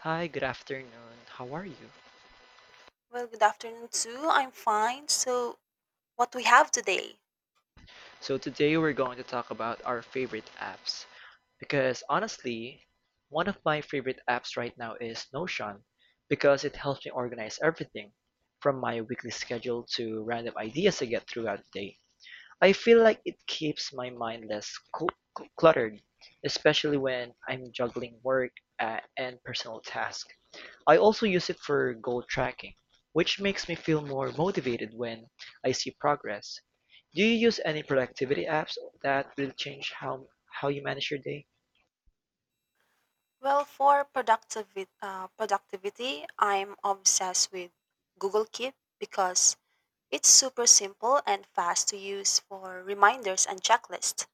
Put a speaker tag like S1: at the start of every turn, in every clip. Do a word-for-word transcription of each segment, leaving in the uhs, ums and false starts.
S1: Hi, good afternoon. How are you?
S2: Well, good afternoon too. I'm fine. So, what we have today?
S1: So, today we're going to talk about our favorite apps because honestly, one of my favorite apps right now is Notion because it helps me organize everything from my weekly schedule to random ideas I get throughout the day. I feel like it keeps my mind less cl- cl- cluttered, especially when I'm juggling work uh, and personal tasks. I also use it for goal tracking, which makes me feel more motivated when I see progress. Do you use any productivity apps that will change how how you manage your day?
S2: Well, for productivi- uh, productivity, I'm obsessed with Google Keep because it's super simple and fast to use for reminders and checklists.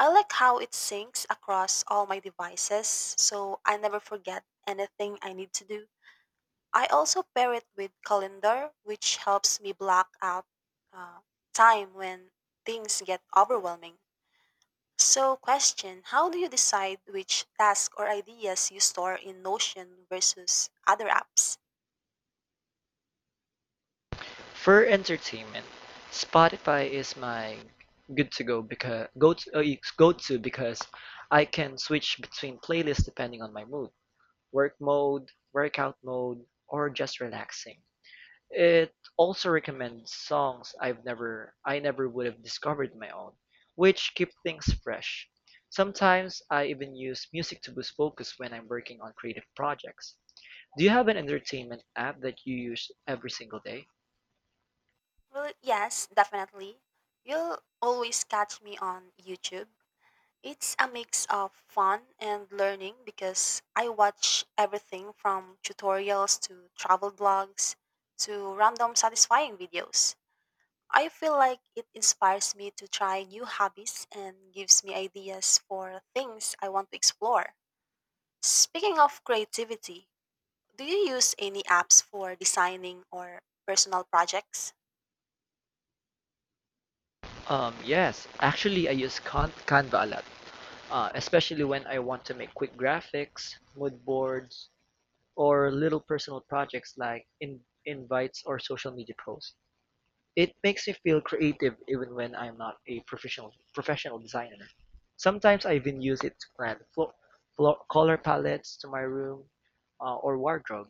S2: I like how it syncs across all my devices, so I never forget anything I need to do. I also pair it with Calendar, which helps me block out uh, time when things get overwhelming. So, question: how do you decide which tasks or ideas you store in Notion versus other apps?
S1: For entertainment, Spotify is my good to go because go to uh, go to because I can switch between playlists depending on my mood, work mode, workout mode, or just relaxing. It also recommends songs I've never I never would have discovered my own, which keep things fresh. Sometimes I even use music to boost focus when I'm working on creative projects. Do you have an entertainment app that you use every single day?
S2: Well, yes, definitely. You'll always catch me on YouTube. It's a mix of fun and learning because I watch everything from tutorials to travel blogs to random satisfying videos. I feel like it inspires me to try new hobbies and gives me ideas for things I want to explore. Speaking of creativity, do you use any apps for designing or personal projects?
S1: Um, yes, actually, I use Can- Canva a lot, uh, especially when I want to make quick graphics, mood boards, or little personal projects like in- invites or social media posts. It makes me feel creative even when I'm not a professional professional designer. Sometimes I even use it to plan flo- flo- color palettes to my room, uh, or wardrobe.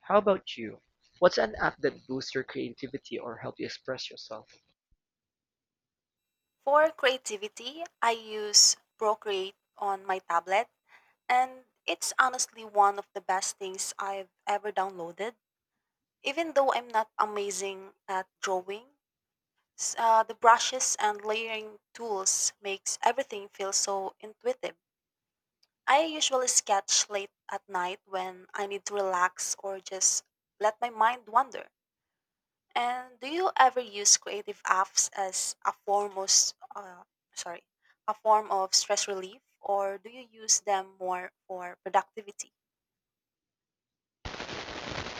S1: How about you? What's an app that boosts your creativity or help you express yourself?
S2: For creativity, I use Procreate on my tablet, and it's honestly one of the best things I've ever downloaded. Even though I'm not amazing at drawing, s- uh, the brushes and layering tools makes everything feel so intuitive. I usually sketch late at night when I need to relax or just let my mind wander. And do you ever use creative apps as a form of, s- uh, sorry, a form of stress relief, or do you use them more for productivity?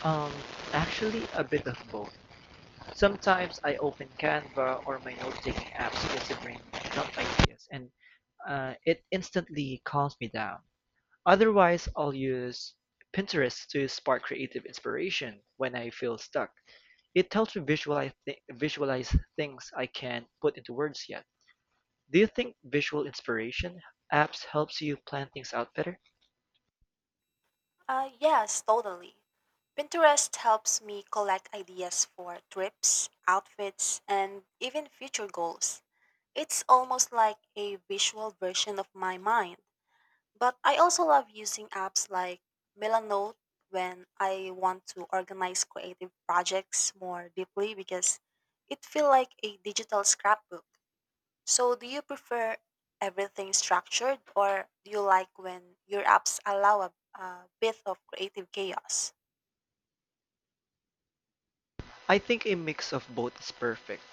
S1: Um, Actually, a bit of both. Sometimes I open Canva or my note-taking apps just to brainstorm ideas, and uh, it instantly calms me down. Otherwise I'll use Pinterest to spark creative inspiration when I feel stuck. It helps me visualize thi- visualize things I can't put into words yet. Do you think visual inspiration apps helps you plan things out better?
S2: Uh, yes, totally. Pinterest helps me collect ideas for trips, outfits, and even future goals. It's almost like a visual version of my mind. But I also love using apps like Melanote when I want to organize creative projects more deeply because it feels like a digital scrapbook. So, do you prefer everything structured, or do you like when your apps allow a, a bit of creative chaos?
S1: I think a mix of both is perfect.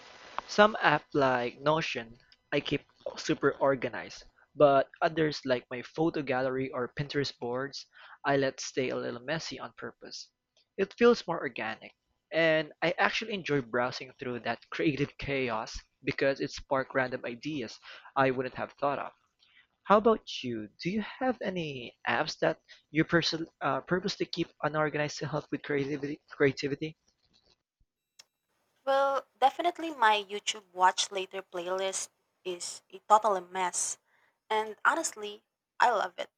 S1: Some app like Notion I keep super organized, but others like my photo gallery or Pinterest boards I let stay a little messy on purpose. It feels more organic, and I actually enjoy browsing through that creative chaos because it sparks random ideas I wouldn't have thought of. How about you? Do you have any apps that you perso- uh, purposely keep unorganized to help with creativity? Creativity?
S2: Well, definitely my YouTube Watch Later playlist is a total mess. And honestly, I love it.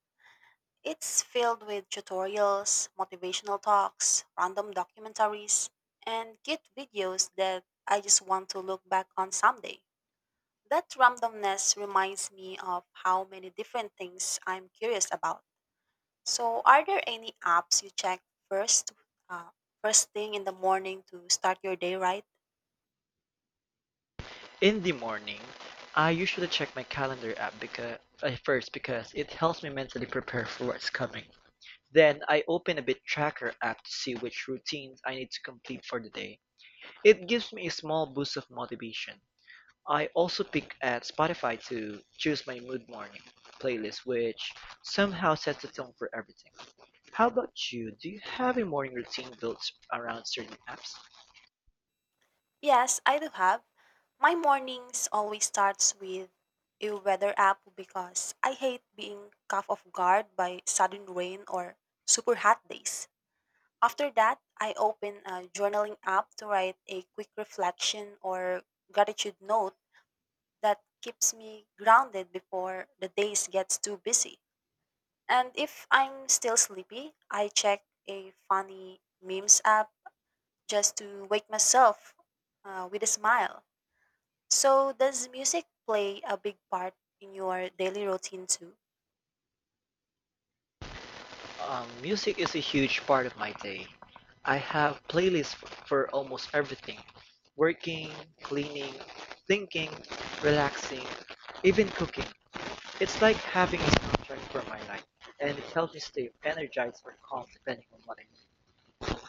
S2: It's filled with tutorials, motivational talks, random documentaries, and cute videos that I just want to look back on someday. That randomness reminds me of how many different things I'm curious about. So, are there any apps you check first, uh, first thing in the morning to start your day right?
S1: In the morning, I usually check my calendar app because at first because it helps me mentally prepare for what's coming. Then I open a bit tracker app to see which routines I need to complete for the day. It gives me a small boost of motivation. I also pick at Spotify to choose my mood morning playlist, which somehow sets the tone for everything. How about you? Do you have a morning routine built around certain apps?
S2: Yes, I do have. My mornings always starts with a weather app because I hate being caught off guard by sudden rain or super hot days. After that, I open a journaling app to write a quick reflection or gratitude note that keeps me grounded before the days gets too busy. And if I'm still sleepy, I check a funny memes app just to wake myself uh, with a smile. So, does music play a big part in your daily routine too?
S1: Um, music is a huge part of my day. I have playlists f- for almost everything. Working, cleaning, thinking, relaxing, even cooking. It's like having a soundtrack for my life, and it helps me stay energized or calm depending on what I need.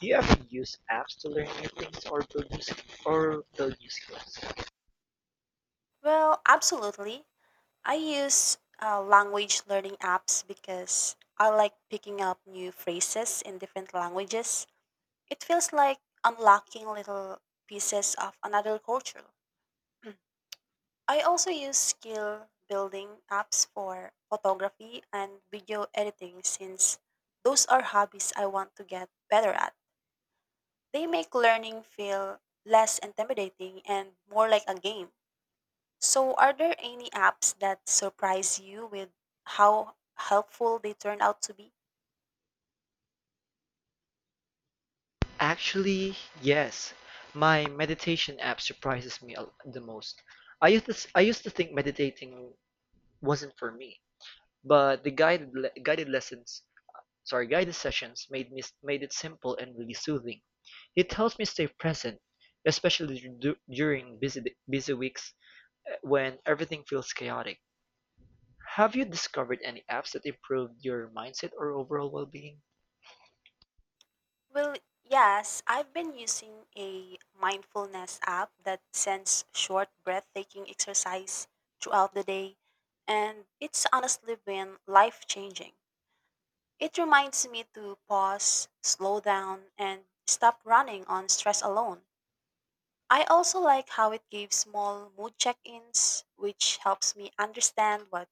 S1: Do you ever use apps to learn new things or build new, sk- or build new skills?
S2: Well, absolutely. I use uh, language learning apps because I like picking up new phrases in different languages. It feels like unlocking little pieces of another culture. I also use skill building apps for photography and video editing since those are hobbies I want to get better at. They make learning feel less intimidating and more like a game. So, are there any apps that surprise you with how helpful they turn out to be?
S1: Actually, yes. My meditation app surprises me a- the most. I used to, s- I used to think meditating wasn't for me. But the guided le guided lessons, sorry, guided sessions made me made it simple and really soothing. It helps me stay present, especially du during busy busy weeks, uh, when everything feels chaotic. Have you discovered any apps that improved your mindset or overall well-being?
S2: Well, yes, I've been using a mindfulness app that sends short breathtaking exercise throughout the day, and it's honestly been life changing. It reminds me to pause, slow down, and stop running on stress alone. I also like how it gives small mood check ins, which helps me understand what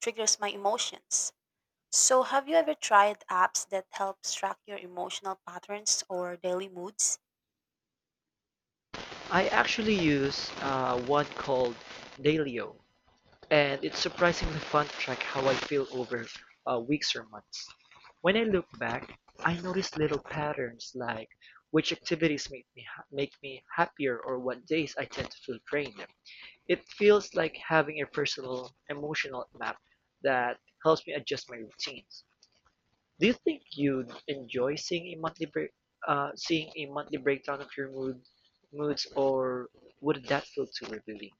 S2: triggers my emotions. So, have you ever tried apps that help track your emotional patterns or daily moods?
S1: I actually use uh, one called Dailyo. And it's surprisingly fun to track how I feel over, uh, weeks or months. When I look back, I notice little patterns like which activities make me ha- make me happier or what days I tend to feel drained. It feels like having a personal emotional map that helps me adjust my routines. Do you think you'd enjoy seeing a monthly break, uh, seeing a monthly breakdown of your mood, moods, or would that feel too revealing?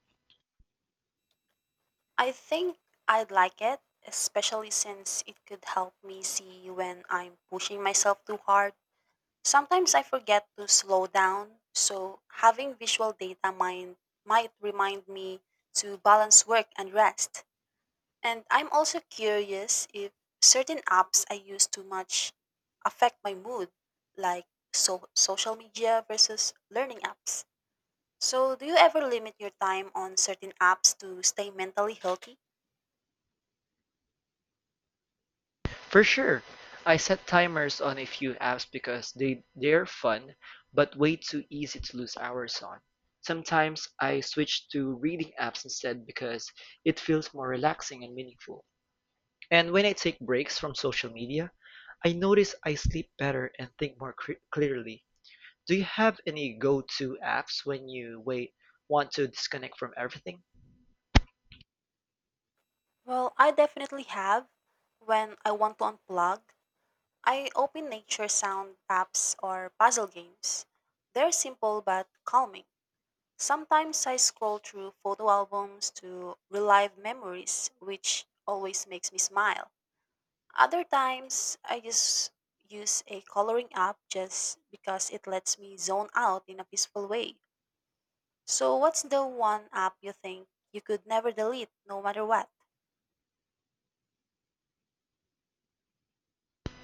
S2: I think I'd like it, especially since it could help me see when I'm pushing myself too hard. Sometimes I forget to slow down, so having visual data mind might remind me to balance work and rest. And I'm also curious if certain apps I use too much affect my mood, like so- social media versus learning apps. So, do you ever limit your time on certain apps to stay mentally healthy?
S1: For sure. I set timers on a few apps because they they're fun, but way too easy to lose hours on. Sometimes I switch to reading apps instead because it feels more relaxing and meaningful. And when I take breaks from social media, I notice I sleep better and think more cre- clearly. Do you have any go-to apps when you wait want to disconnect from everything?
S2: Well, I definitely have. When I want to unplug, I open nature sound apps or puzzle games. They're simple but calming. Sometimes I scroll through photo albums to relive memories, which always makes me smile. Other times, I just use a coloring app just because it lets me zone out in a peaceful way. So, what's the one app you think you could never delete no matter what?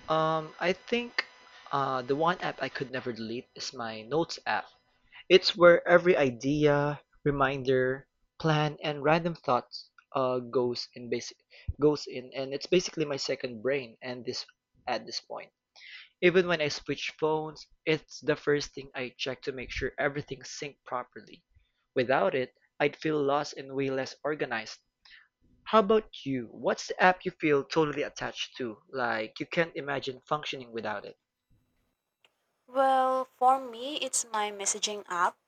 S1: Um, I think, uh, the one app I could never delete is my Notes app. It's where every idea, reminder, plan, and random thought, uh, goes in basic goes in, and it's basically my second brain. And this At this point, even when I switch phones, it's the first thing I check to make sure everything synced properly. Without it, I'd feel lost and way less organized. How about you? What's the app you feel totally attached to? Like you can't imagine functioning without it?
S2: Well, for me, it's my messaging app.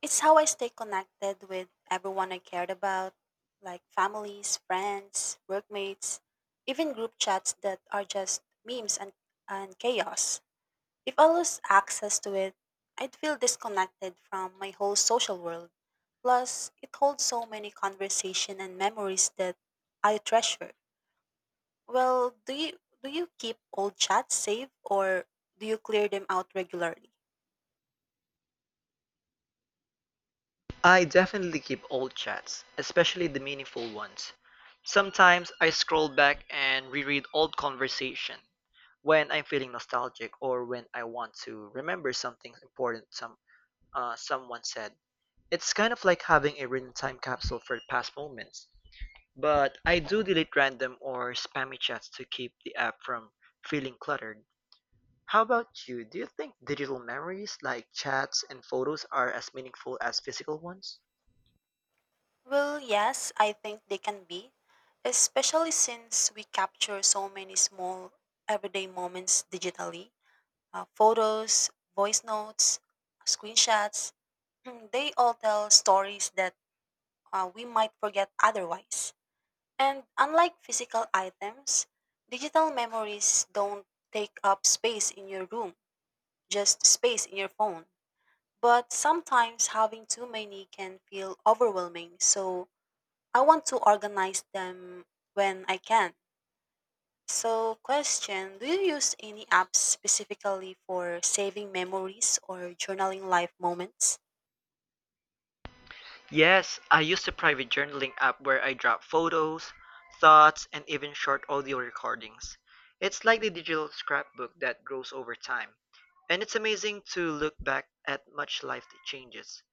S2: It's how I stay connected with everyone I cared about, like families, friends, workmates, even group chats that are just memes and, and chaos. If I lose access to it, I'd feel disconnected from my whole social world. Plus, it holds so many conversation and memories that I treasure. Well, do you do you keep old chats safe, or do you clear them out regularly?
S1: I definitely keep old chats, especially the meaningful ones. Sometimes I scroll back and reread old conversation when I'm feeling nostalgic or when I want to remember something important some uh, someone said. It's kind of like having a written time capsule for past moments. But I do delete random or spammy chats to keep the app from feeling cluttered. How about you? Do you think digital memories like chats and photos are as meaningful as physical ones?
S2: Well, yes, I think they can be, especially since we capture so many small everyday moments digitally. Uh, photos, voice notes, screenshots, they all tell stories that uh, we might forget otherwise. And unlike physical items, digital memories don't take up space in your room, just space in your phone. But sometimes having too many can feel overwhelming, so I want to organize them when I can. So, question: do you use any apps specifically for saving memories or journaling life moments?
S1: Yes, I used a private journaling app where I drop photos, thoughts, and even short audio recordings. It's like the digital scrapbook that grows over time, and it's amazing to look back at much life changes.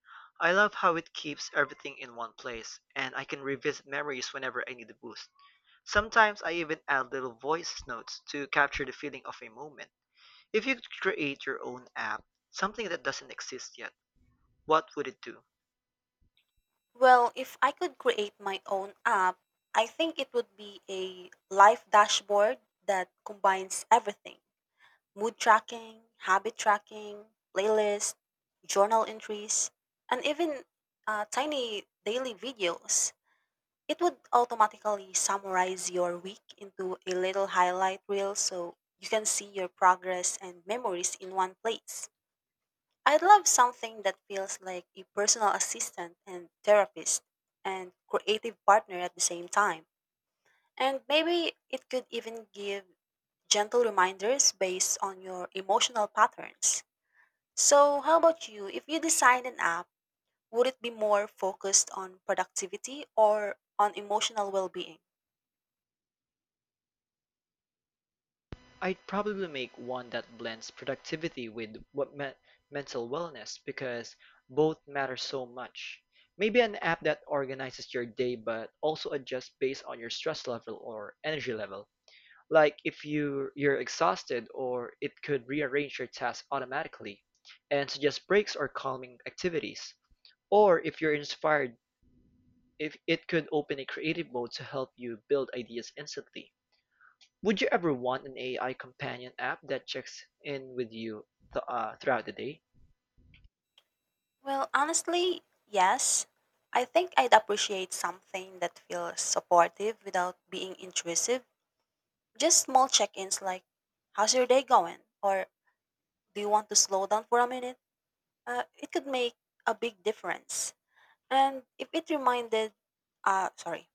S1: I love how it keeps everything in one place, and I can revisit memories whenever I need a boost. Sometimes I even add little voice notes to capture the feeling of a moment. If you could create your own app, something that doesn't exist yet, what would it do?
S2: Well, if I could create my own app, I think it would be a life dashboard that combines everything: mood tracking, habit tracking, playlist, journal entries, and even uh, tiny daily videos. It would automatically summarize your week into a little highlight reel so you can see your progress and memories in one place. I'd love something that feels like a personal assistant and therapist and creative partner at the same time. And maybe it could even give gentle reminders based on your emotional patterns. So, how about you? If you design an app, would it be more focused on productivity or on emotional well being?
S1: I'd probably make one that blends productivity with what me- mental wellness because both matter so much. Maybe an app that organizes your day but also adjusts based on your stress level or energy level. Like if you you're exhausted or it could rearrange your tasks automatically and suggest breaks or calming activities. Or if you're inspired if it could open a creative mode to help you build ideas instantly. Would you ever want an A I companion app that checks in with you, th- uh, throughout the day?
S2: Well, honestly, yes. I think I'd appreciate something that feels supportive without being intrusive. Just small check-ins like, "How's your day going?" or "Do you want to slow down for a minute?" Uh, it could make a big difference. And if it reminded, uh, sorry.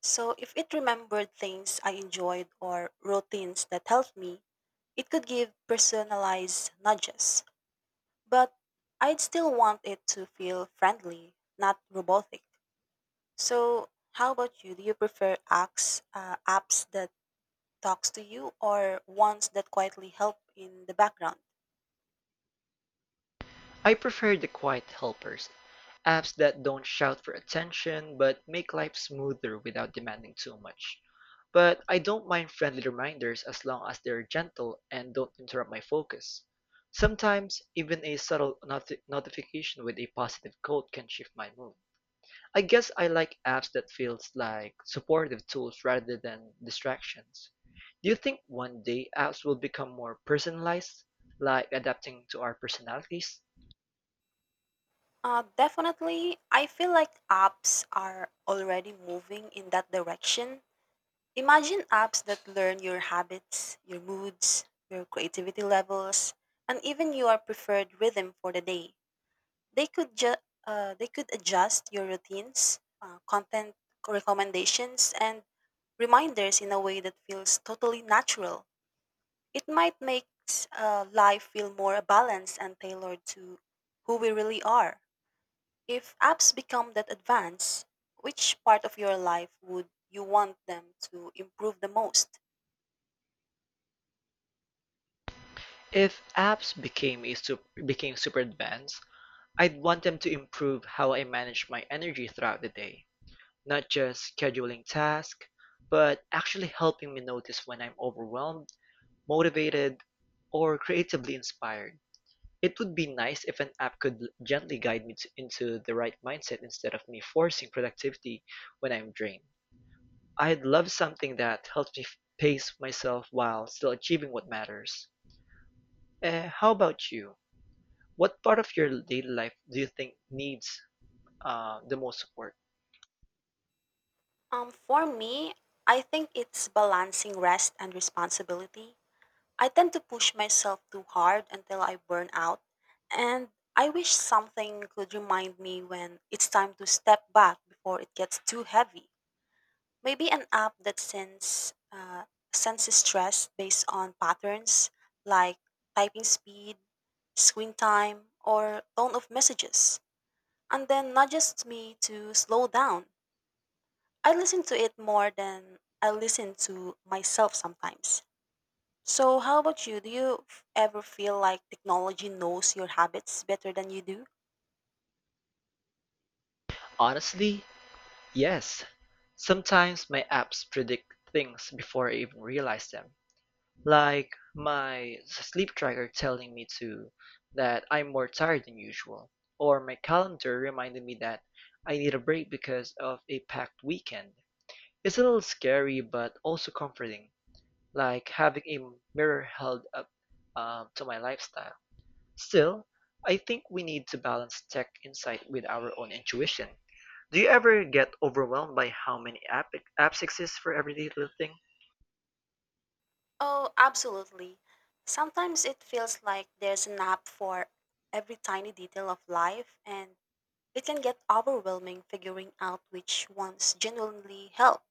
S2: So if it remembered things I enjoyed or routines that helped me, it could give personalized nudges. But I'd still want it to feel friendly, not robotic. So how about you? Do you prefer apps, uh, apps that talks to you, or ones that quietly help in the background?
S1: I prefer the quiet helpers, apps that don't shout for attention but make life smoother without demanding too much. But I don't mind friendly reminders as long as they're gentle and don't interrupt my focus. Sometimes, even a subtle noti- notification with a positive code can shift my mood. I guess I like apps that feels like supportive tools rather than distractions. Do you think one day apps will become more personalized, like adapting to our personalities?
S2: Uh, definitely, I feel like apps are already moving in that direction. Imagine apps that learn your habits, your moods, your creativity levels, and even your preferred rhythm for the day. They could ju- uh, they could adjust your routines, uh, content recommendations, and reminders in a way that feels totally natural. It might make uh, life feel more balanced and tailored to who we really are. If apps become that advanced, which part of your life would you want them to improve the most?
S1: If apps became a sup- became super advanced, I'd want them to improve how I manage my energy throughout the day, not just scheduling tasks, but actually helping me notice when I'm overwhelmed, motivated, or creatively inspired. It would be nice if an app could gently guide me to, into the right mindset instead of me forcing productivity when I'm drained. I'd love something that helps me f- pace myself while still achieving what matters. Eh, how about you? What part of your daily life do you think needs, uh, the most support?
S2: Um, for me, I think it's balancing rest and responsibility. I tend to push myself too hard until I burn out, and I wish something could remind me when it's time to step back before it gets too heavy. Maybe an app that sends uh, senses stress based on patterns like typing speed, screen time, or tone of messages, and then nudges me to slow down. I listen to it more than I listen to myself sometimes. So, how about you? Do you f- ever feel like technology knows your habits better than you do?
S1: Honestly, yes. Sometimes my apps predict things before I even realize them. Like my sleep tracker telling me to that I'm more tired than usual, or my calendar reminding me that I need a break because of a packed weekend. It's a little scary but also comforting, like having a mirror held up, um, to my lifestyle. Still, I think we need to balance tech insight with our own intuition. Do you ever get overwhelmed by how many app apps exist for every little thing?
S2: Oh, absolutely. Sometimes it feels like there's an app for every tiny detail of life, and it can get overwhelming figuring out which ones genuinely help.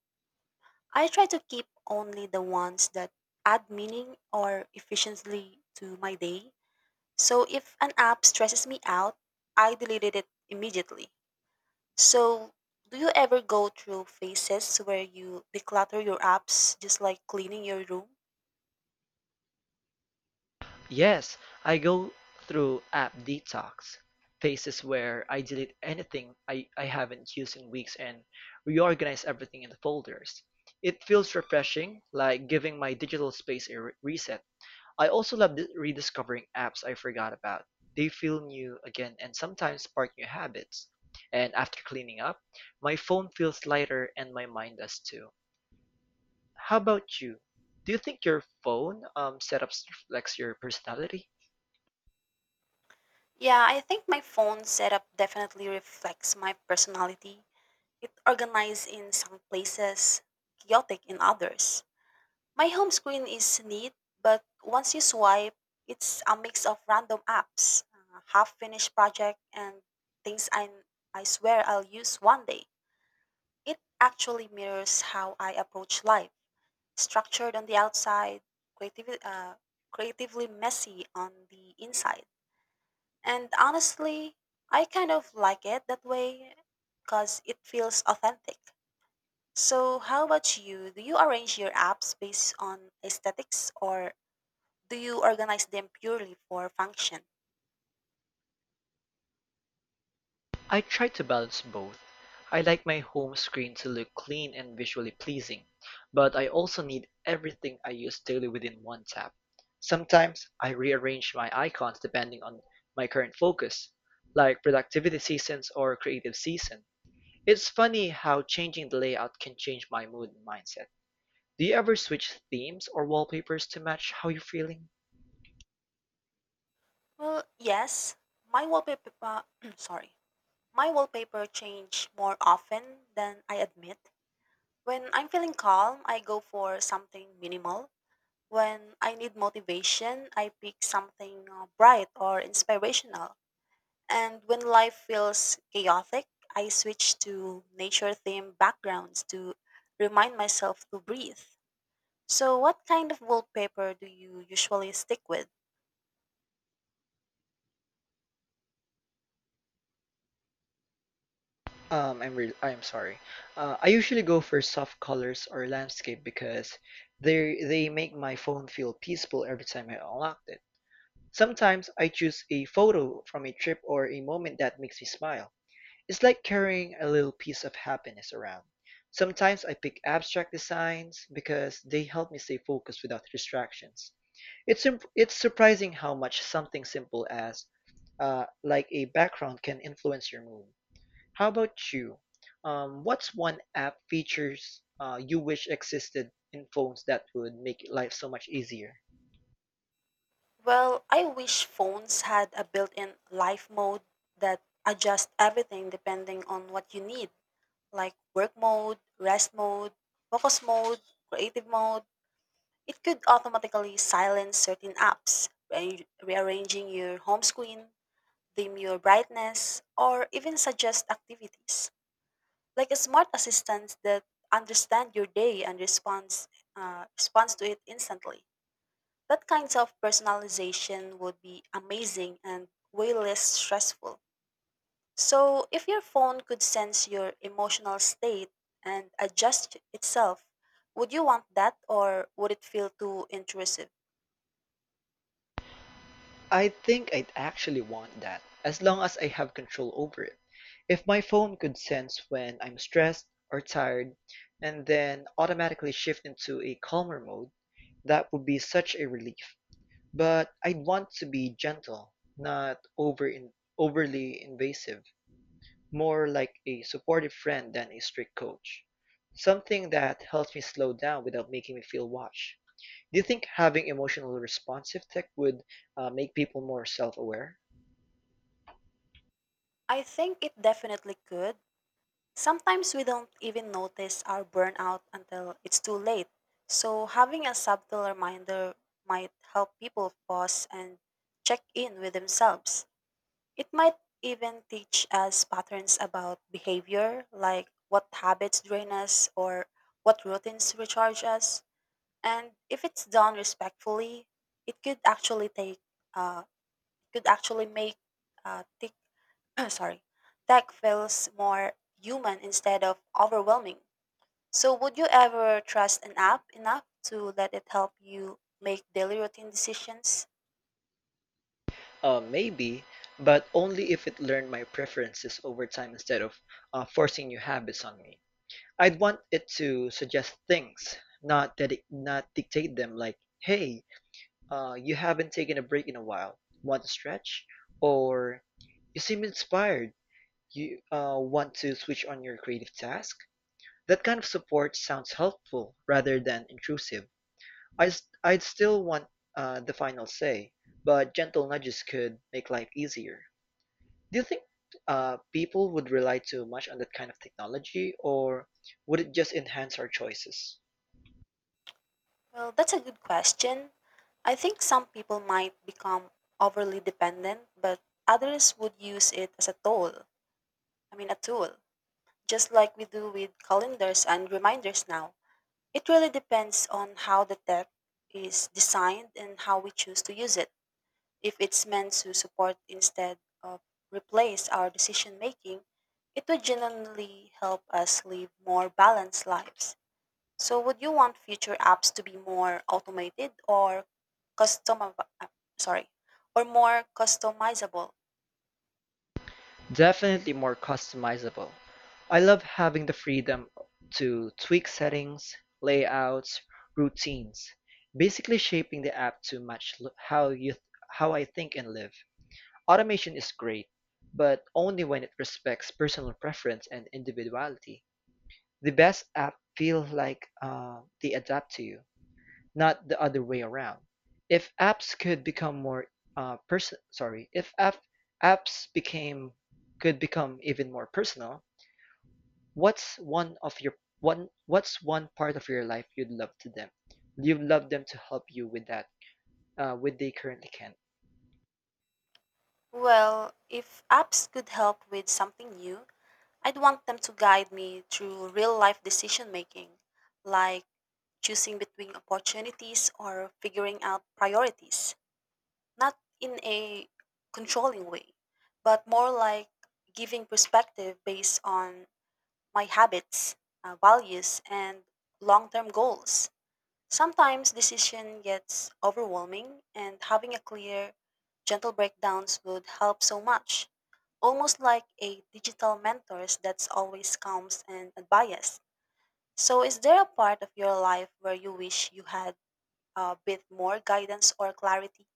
S2: I try to keep only the ones that add meaning or efficiency to my day. So if an app stresses me out, I deleted it immediately. So do you ever go through phases where you declutter your apps just like cleaning your room?
S1: Yes, I go through app detox, phases where I delete anything I, I haven't used in weeks and reorganize everything into folders. It feels refreshing, like giving my digital space a re- reset. I also love di- rediscovering apps I forgot about. They feel new again and sometimes spark new habits. And after cleaning up, my phone feels lighter and my mind does too. How about you? Do you think your phone, um, setups reflects your personality?
S2: Yeah, I think my phone setup definitely reflects my personality. It organized in some places, chaotic in others. My home screen is neat, but once you swipe, it's a mix of random apps, uh, half finished project, and things I, I swear I'll use one day. It actually mirrors how I approach life: structured on the outside, creative, uh, creatively messy on the inside. And honestly, I kind of like it that way because it feels authentic. So, how about you? Do you arrange your apps based on aesthetics, or do you organize them purely for function?
S1: I try to balance both. I like my home screen to look clean and visually pleasing, but I also need everything I use daily within one tap. Sometimes I rearrange my icons depending on my current focus, like productivity seasons or creative season. It's funny how changing the layout can change my mood and mindset. Do you ever switch themes or wallpapers to match how you're feeling?
S2: Well, yes. My wallpaper, sorry, my wallpaper change more often than I admit. When I'm feeling calm, I go for something minimal. When I need motivation, I pick something uh, bright or inspirational. And when life feels chaotic, I switch to nature-themed backgrounds to remind myself to breathe. So, what kind of wallpaper do you usually stick with?
S1: Um, I'm real. I'm sorry. Uh, I usually go for soft colors or landscape because they they make my phone feel peaceful every time I unlock it. Sometimes I choose a photo from a trip or a moment that makes me smile. It's like carrying a little piece of happiness around. Sometimes I pick abstract designs because they help me stay focused without distractions. It's imp- it's surprising how much something simple as uh, like a background can influence your mood. How about you? Um, what's one app features uh, you wish existed in phones that would make life so much easier?
S2: Well, I wish phones had a built in life mode that adjusts everything depending on what you need, like work mode, rest mode, focus mode, creative mode. It could automatically silence certain apps, rearrange- rearranging your home screen, dim your brightness, or even suggest activities. Like a smart assistant that understands your day and responds, uh, responds to it instantly. That kind of personalization would be amazing and way less stressful. So, if your phone could sense your emotional state and adjust itself, would you want that or would it feel too intrusive?
S1: I think I'd actually want that, as long as I have control over it. If my phone could sense when I'm stressed or tired and then automatically shift into a calmer mode, that would be such a relief. But I'd want to be gentle, not over in, overly invasive. More like a supportive friend than a strict coach. Something that helps me slow down without making me feel watched. Do you think having emotional responsive tech would uh, make people more self aware?
S2: I think it definitely could. Sometimes we don't even notice our burnout until it's too late. So, having a subtle reminder might help people pause and check in with themselves. It might even teach us patterns about behavior, like what habits drain us or what routines recharge us. And if it's done respectfully, it could actually take, uh, it could actually make uh, tech, sorry, tech feels more human instead of overwhelming. So, would you ever trust an app enough to let it help you make daily routine decisions?
S1: Uh, maybe, but only if it learned my preferences over time instead of uh, forcing new habits on me. I'd want it to suggest things, not that not dictate them like, hey, Uh, you haven't taken a break in a while. Want to stretch? Or you seem inspired. You uh, want to switch on your creative task? That kind of support sounds helpful rather than intrusive. I, s- I'd still want uh, the final say, but gentle nudges could make life easier. Do you think uh, people would rely too much on that kind of technology, or would it just enhance our choices?
S2: Well, that's a good question. I think some people might become overly dependent, but others would use it as a tool. I mean, a tool, just like we do with calendars and reminders now. It really depends on how the tech is designed and how we choose to use it. If it's meant to support instead of replace our decision making, it would genuinely help us live more balanced lives. So would you want future apps to be more automated or custom uh, sorry, or more customizable?
S1: Definitely more customizable. I love having the freedom to tweak settings, layouts, routines, basically shaping the app to match l- how you how I think and live. Automation is great, but only when it respects personal preference and individuality. The best app feel like uh, they adapt to you not the other way around. If apps could become more uh, person, sorry, if app apps became could become even more personal, what's one of your one what's one part of your life you'd love to them? You'd love them to help you with that uh, with they currently can.
S2: Well, if apps could help with something new, I'd want them to guide me through real-life decision making, like choosing between opportunities or figuring out priorities, not in a controlling way, but more like giving perspective based on my habits, uh, values, and long term goals. Sometimes decision gets overwhelming, and having a clear, gentle breakdowns would help so much. Almost like a digital mentors that's always calms and unbiased. So, is there a part of your life where you wish you had a bit more guidance or clarity?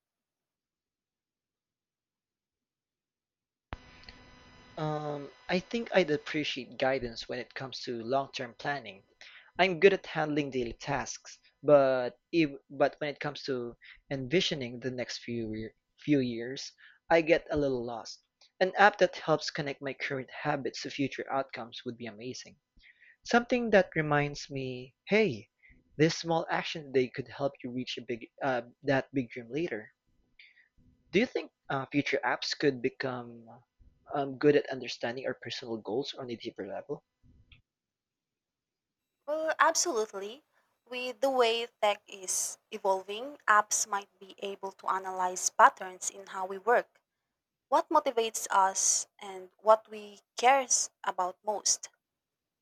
S1: Um, I think I'd appreciate guidance when it comes to long-term planning. I'm good at handling daily tasks, but if, but when it comes to envisioning the next few year, few years, I get a little lost. An app that helps connect my current habits to future outcomes would be amazing. Something that reminds me, hey, this small action today could help you reach a big uh, that big dream later. Do you think uh, future apps could become um, good at understanding our personal goals on a deeper level?
S2: Well, absolutely. With the way tech is evolving, apps might be able to analyze patterns in how we work, what motivates us and what we cares about most.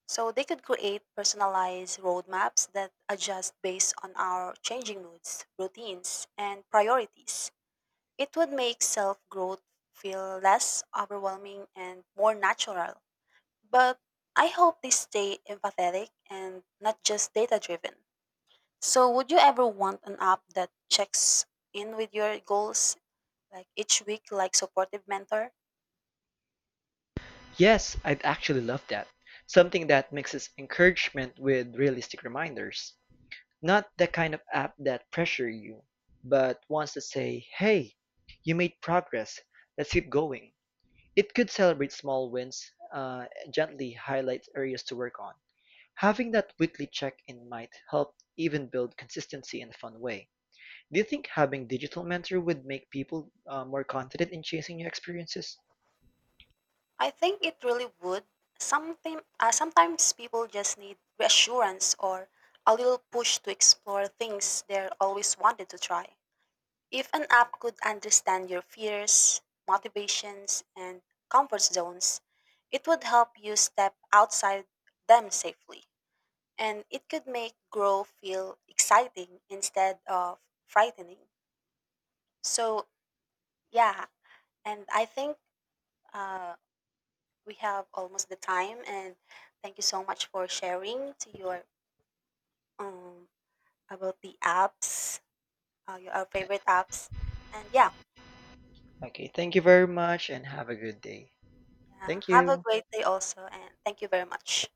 S2: So they could create personalized roadmaps that adjust based on our changing moods, routines, and priorities. It would make self-growth feel less overwhelming and more natural. But I hope they stay empathetic and not just data-driven. So would you ever want an app that checks in with your goals like each week like supportive mentor?
S1: Yes, I'd actually love that. Something that mixes encouragement with realistic reminders. Not the kind of app that pressure you, but wants to say, hey, you made progress, let's keep going. It could celebrate small wins, uh, gently highlight areas to work on. Having that weekly check in might help even build consistency in a fun way. Do you think having digital mentor would make people uh, more confident in chasing new experiences?
S2: I think it really would. Something, uh, sometimes people just need reassurance or a little push to explore things they're always wanted to try. If an app could understand your fears, motivations, and comfort zones, it would help you step outside them safely. And it could make grow feel exciting instead of frightening. So, yeah, and I think. Uh, we have almost the time and thank you so much for sharing to your um about the apps, uh, your our favorite apps and yeah,
S1: Okay, thank you very much and have a good day.
S2: yeah,
S1: Thank
S2: have a
S1: you.
S2: great day also and thank you very much.